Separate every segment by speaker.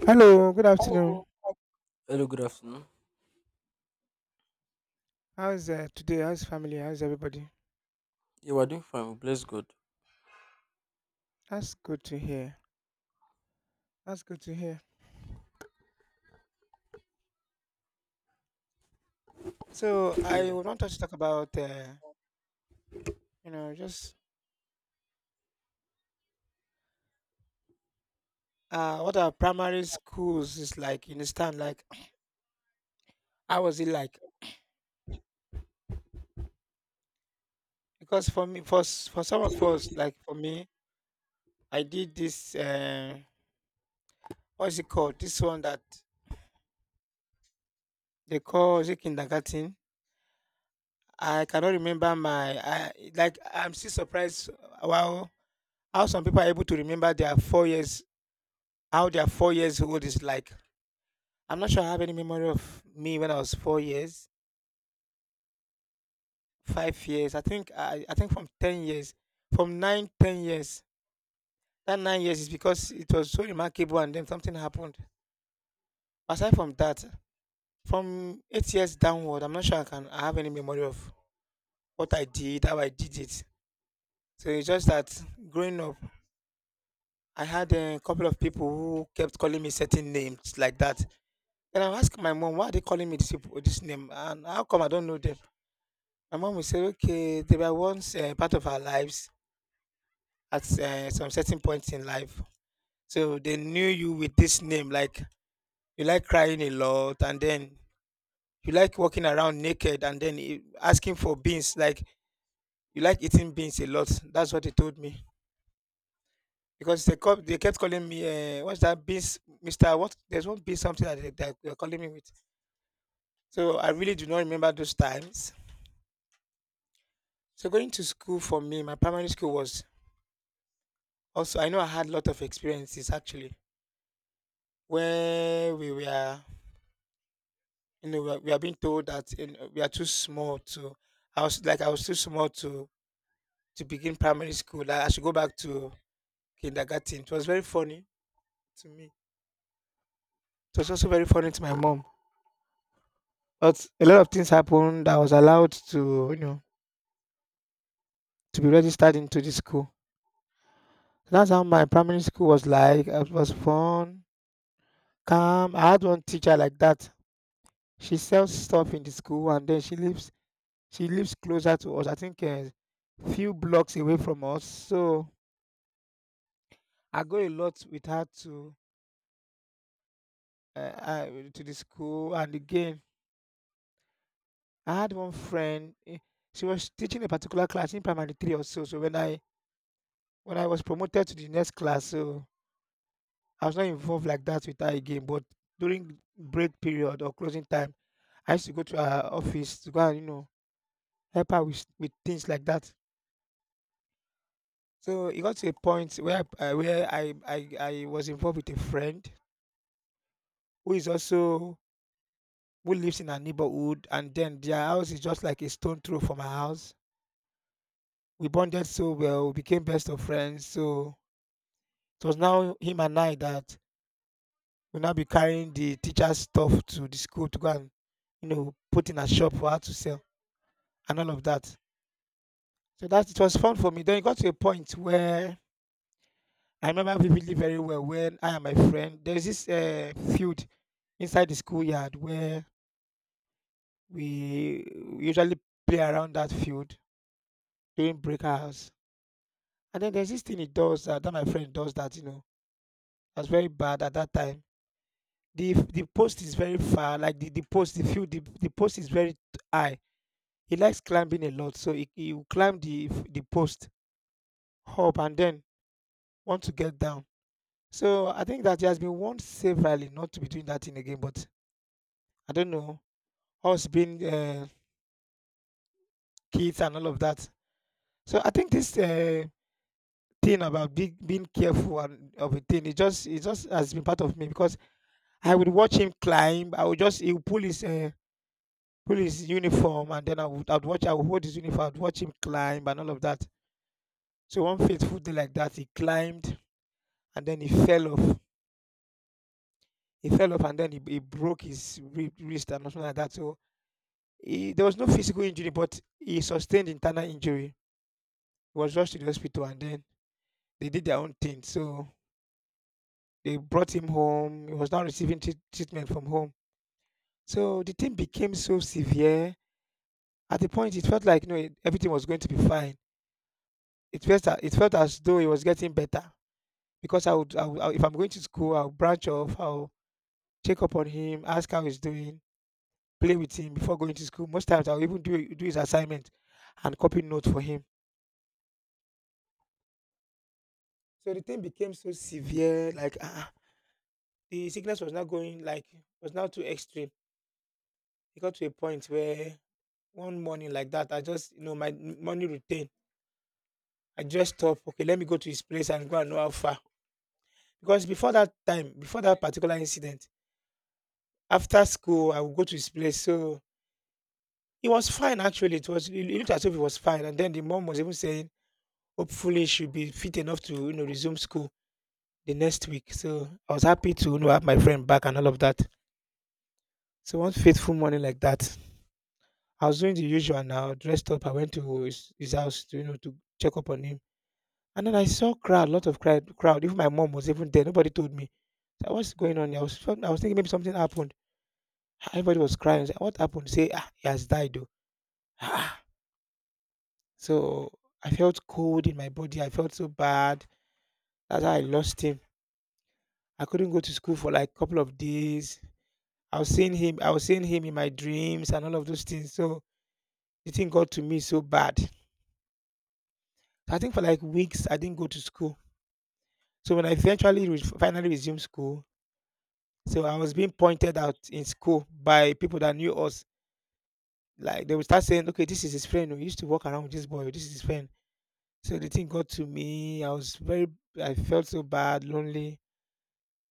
Speaker 1: Hello, good
Speaker 2: Hello.
Speaker 1: afternoon.
Speaker 2: Hello, good afternoon.
Speaker 1: How's today? How's family? How's everybody?
Speaker 2: Yeah, are doing fine. Bless God.
Speaker 1: That's good to hear. That's good to hear. So I
Speaker 2: Yeah.
Speaker 1: would want us to talk about, just what our primary schools is like. You understand? Like, how was it like? Because for me, for some of us, like for me, I did this. What is it called? This one that they call is it kindergarten. I cannot remember my. I like. I'm still surprised. Wow, how some people are able to remember their 4 years. How their 4 years old is like. I'm not sure I have any memory of me when I was 4 years, 5 years. I think I think from 10 years, from nine, 10 years. That 9 years is because it was so remarkable, and then something happened. Aside from that, from 8 years downward, I'm not sure I have any memory of what I did, how I did it. So it's just that growing up, I had a couple of people who kept calling me certain names like that. And I asked my mom, why are they calling me this, people, this name? And how come I don't know them? My mom will say, okay, they were once part of our lives at some certain point in life. So they knew you with this name. Like, you like crying a lot, and then you like walking around naked, and then asking for beans. Like, you like eating beans a lot. That's what they told me. Because they kept calling me, what's that beans, Mister? What? There's one beans something that that they were calling me with. So I really do not remember those times. So going to school for me, my primary school was also. I know I had a lot of experiences actually where we were, we are being told that we are too small to. I was too small to begin primary school. Like, I should go back to kindergarten. It was very funny to me. It was also very funny to my mom. But a lot of things happened. I was allowed to, to be registered into the school. That's how my primary school was like. It was fun, calm. I had one teacher like that. She sells stuff in the school and then she leaves She lives closer to us, I think a few blocks away from us. So I go a lot with her to uh, uh, to the school. And again, I had one friend. She was teaching a particular class in primary three or so. So when I was promoted to the next class, so I was not involved like that with her again. But during break period or closing time, I used to go to her office to go and help her with things like that. So it got to a point where I was involved with a friend who is also who lives in our neighborhood, and then their house is just like a stone throw from our house. We bonded so well, we became best of friends. So it was now him and I that will now be carrying the teacher's stuff to the school to go and put in a shop for her to sell and all of that. So that it was fun for me. Then it got to a point where I remember vividly very well when I and my friend there's this field inside the schoolyard where we usually play around that field during break hours. And then there's this thing he does that my friend does that that's very bad at that time. The post is very far, like the post, the field, the post is very high. He likes climbing a lot, so he will climb the post up and then want to get down. So I think that he has been warned severally not to be doing that thing again. But I don't know us being kids and all of that. So I think this thing about being careful and of a thing, it just has been part of me because I would watch him climb. I would just he would pull his uniform, and then I'd watch. I would hold his uniform. I'd watch him climb and all of that. So one fateful day like that, he climbed and then he fell off. He fell off and then he broke his wrist and something like that. So there was no physical injury, but he sustained internal injury. He was rushed to the hospital and then they did their own thing. So they brought him home. He was now receiving treatment from home. So the thing became so severe. At the point, it felt like everything was going to be fine. It felt as though he was getting better because I would I would I if I'm going to school, I'll branch off, I'll check up on him, ask how he's doing, play with him before going to school. Most times I'll even do his assignment and copy notes for him. So the thing became so severe, like the sickness was not going, like was now too extreme. It got to a point where one morning like that, I just my morning routine, I just stopped. Okay, let me go to his place and go and know how far. Because before that time, before that particular incident, after school, I would go to his place. So it was fine actually. It looked as if it was fine. And then the mom was even saying, hopefully he should be fit enough to resume school the next week. So I was happy to have my friend back and all of that. So one faithful morning like that, I was doing the usual now, dressed up. I went to his house to you know to check up on him. And then I saw crowd, lot of crowd. Even my mom was even there. Nobody told me. So what's going on here? I was thinking maybe something happened. Everybody was crying. I said, "What happened?" Say, he has died. Oh. Ah, So I felt cold in my body. I felt so bad. That's how I lost him. I couldn't go to school for like a couple of days. I was seeing him. I was seeing him in my dreams and all of those things. So the thing got to me so bad. So, I think for like weeks I didn't go to school. So when I eventually finally resumed school, so I was being pointed out in school by people that knew us. Like they would start saying, "Okay, this is his friend. We used to walk around with this boy. This is his friend." So the thing got to me. I was very. I felt so bad, lonely.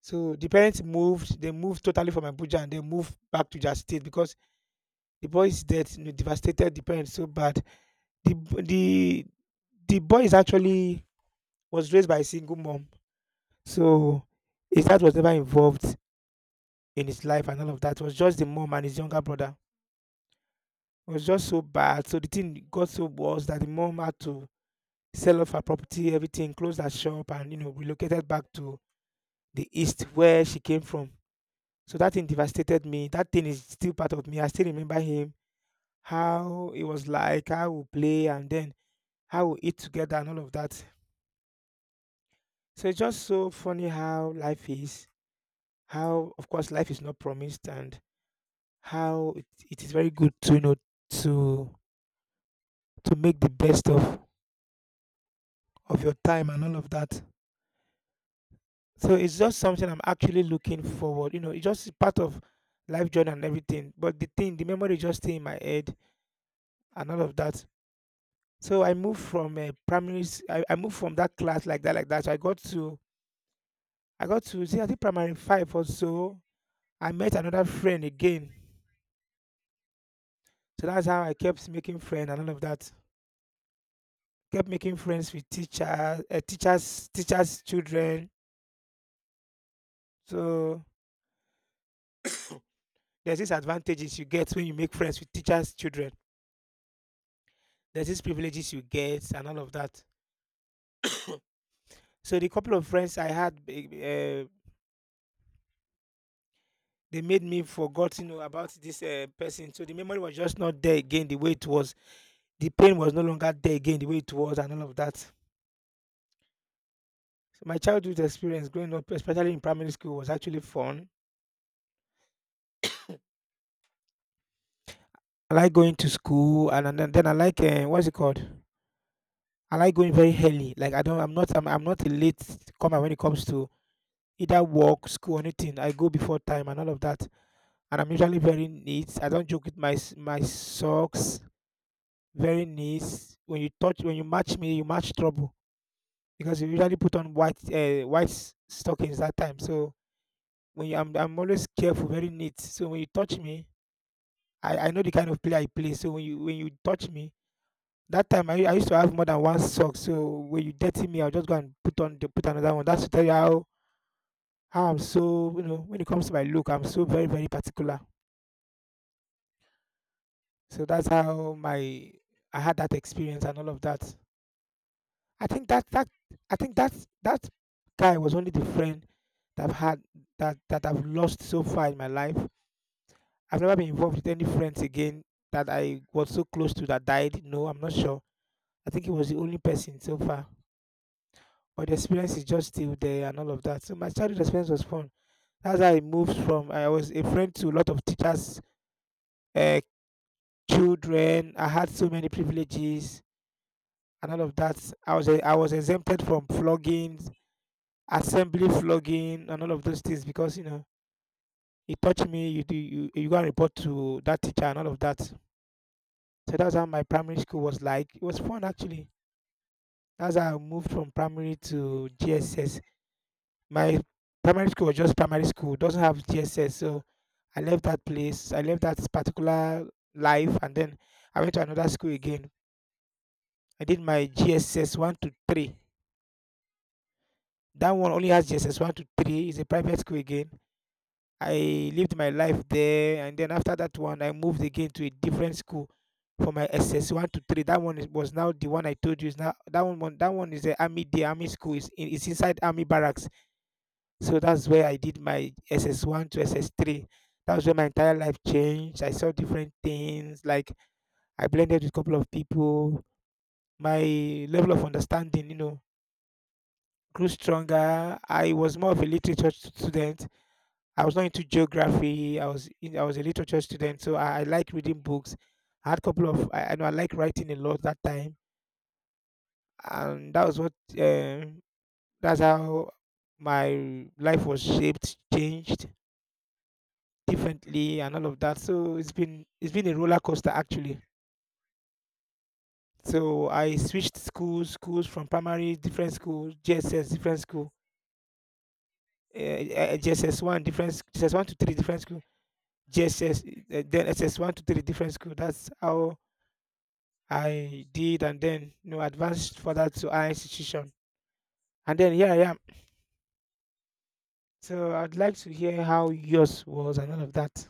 Speaker 1: So the parents moved. They moved totally from Abuja and they moved back to their state because the boy's death, devastated the parents so bad. The b- the boy is actually was raised by a single mom, so his dad was never involved in his life and all of that. It was just the mom and his younger brother. It was just so bad. So the thing got so worse that the mom had to sell off her property, everything, close her shop, and relocated back to the east where she came from. So that thing devastated me. That thing is still part of me. I still remember him, how it was like, how we play, and then how we eat together and all of that. So it's just so funny how life is. How, of course, life is not promised, and how it is very good to to to make the best of your time and all of that. So it's just something I'm actually looking forward. It's just part of life journey and everything. But the thing, the memory just stay in my head and all of that. So I moved from primary. I moved from that class like that, like that. So I got to see I think primary five or so. I met another friend again. So that's how I kept making friends and all of that. Kept making friends with teachers, teachers' children. So there's these advantages you get when you make friends with teachers' children. There's these privileges you get and all of that. So the couple of friends I had, they made me forgot, about this person. So the memory was just not there again the way it was. The pain was no longer there again the way it was and all of that. So my childhood experience growing up, especially in primary school, was actually fun. I like going to school and then I like what's it called? I like going very early. Like I don't I'm not I'm, I'm not a late comer when it comes to either work, school, or anything. I go before time and all of that. And I'm usually very neat. I don't joke with my my socks. Very neat. When you touch when you match me, you match trouble because you usually put on white stockings that time. So I'm always careful, very neat. So when you touch me, I know the kind of player I play. So when you touch me, that time I used to have more than one sock. So when you dirty me, I'll just go and put on put another one. That's to tell you how I'm so, you know, when it comes to my look, I'm so very, very particular. So that's how my I had that experience and all of that. I think that that I think that that guy was only the friend that I've had that that I've lost so far in my life. I've never been involved with any friends again that I was so close to that died. No, I'm not sure. I think he was the only person so far. But the experience is just still there and all of that. So my childhood experience was fun. That's how I moved from I was a friend to a lot of teachers, uh, children. I had so many privileges and all of that. I was exempted from floggings, assembly flogging, and all of those things because it touched me. You do you you go and report to that teacher and all of that. So that's how my primary school was like. It was fun actually. That's how I moved from primary to GSS. My primary school was just primary school, doesn't have GSS. So I left that place. I left that particular life and then I went to another school again. I did my GSS 1 to 3. That one only has GSS 1 to 3. It's a private school again. I lived my life there and then after that one I moved again to a different school for my SS 1 to 3. That one was now the one I told you is now that one is the army school it's inside army barracks. So that's where I did my SS1 to SS3. That was where my entire life changed. I saw different things. Like I blended with a couple of people. My level of understanding grew stronger. I was more of a literature student. I was not into geography. I was a literature student, so I like reading books. I had a couple of I know I like writing a lot that time, and um that's how my life was shaped, changed differently and all of that. So it's been a roller coaster actually. So I switched schools from primary, different schools, JSS, different school, JSS 1, different JSS 1 to 3, different school, JSS, then SS 1 to 3, different school. That's how I did, and then advanced further to higher institution, and then here I am. So I'd like to hear how yours was and all of that.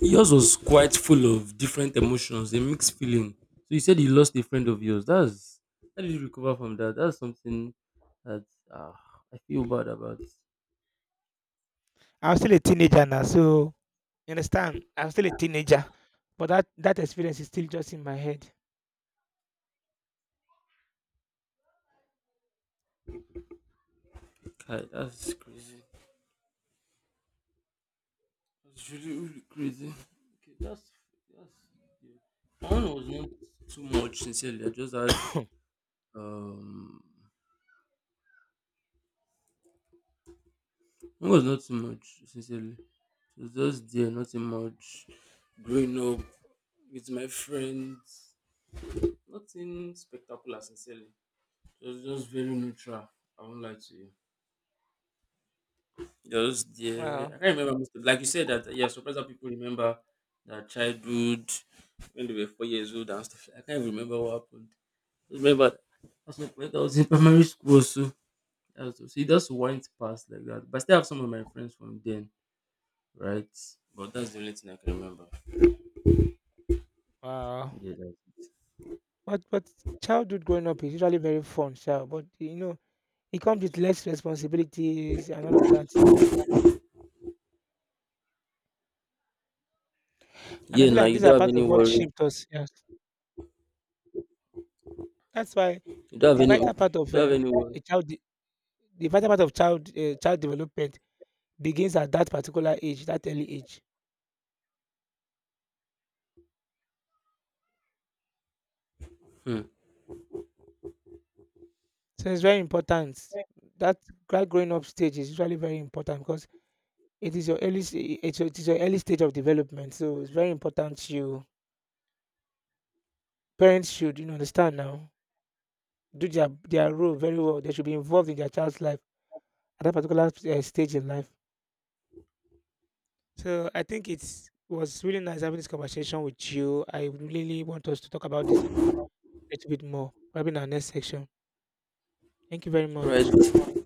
Speaker 2: Yours was quite full of different emotions, a mixed feeling. So you said you lost a friend of yours. That's how did you recover from that? That's something that uh, I feel bad about.
Speaker 1: I was still a teenager now, so you understand? I was still a teenager, but that experience is still just in my head.
Speaker 2: Kai, that's crazy. That's really really crazy. Okay, that's yeah. My one was not too much. Sincerely, I just had um. One was not too much. Sincerely, it was just there, nothing much. Growing up with my friends. Nothing spectacular, sincerely. Just very neutral. I won't lie to you. Just there.
Speaker 1: Wow,
Speaker 2: I can't remember most of, like you said that, yeah, surprised that people remember their childhood when they were 4 years old and stuff. I can't even remember what happened. Just remember that's when I was in primary school, so that's, so it just went past like that. But I still have some of my friends from then, right? But that's the only thing I can remember.
Speaker 1: wow.
Speaker 2: Yeah, that's-
Speaker 1: But childhood growing up is usually very fun, sha. But it comes with less responsibilities and all of that. And I
Speaker 2: Yeah,
Speaker 1: feel
Speaker 2: now
Speaker 1: like
Speaker 2: you
Speaker 1: these
Speaker 2: don't
Speaker 1: are
Speaker 2: have
Speaker 1: part
Speaker 2: any
Speaker 1: of what
Speaker 2: worry.
Speaker 1: shaped us. Yes, that's why
Speaker 2: You don't have
Speaker 1: the
Speaker 2: any
Speaker 1: vital part of
Speaker 2: worry.
Speaker 1: a child, de- the vital part of child child development begins at that particular age, that early age.
Speaker 2: Hmm.
Speaker 1: So it's very important. That growing up stage is usually very important because it is your early s- it's your, it is your early stage of development, so it's very important you parents should, understand now, do their role very well. They should be involved in their child's life at that particular stage in life. So I think it's was really nice having this conversation with you. I really want us to talk about this a little bit more, probably in our next section. Thank you very
Speaker 2: All
Speaker 1: much.
Speaker 2: right.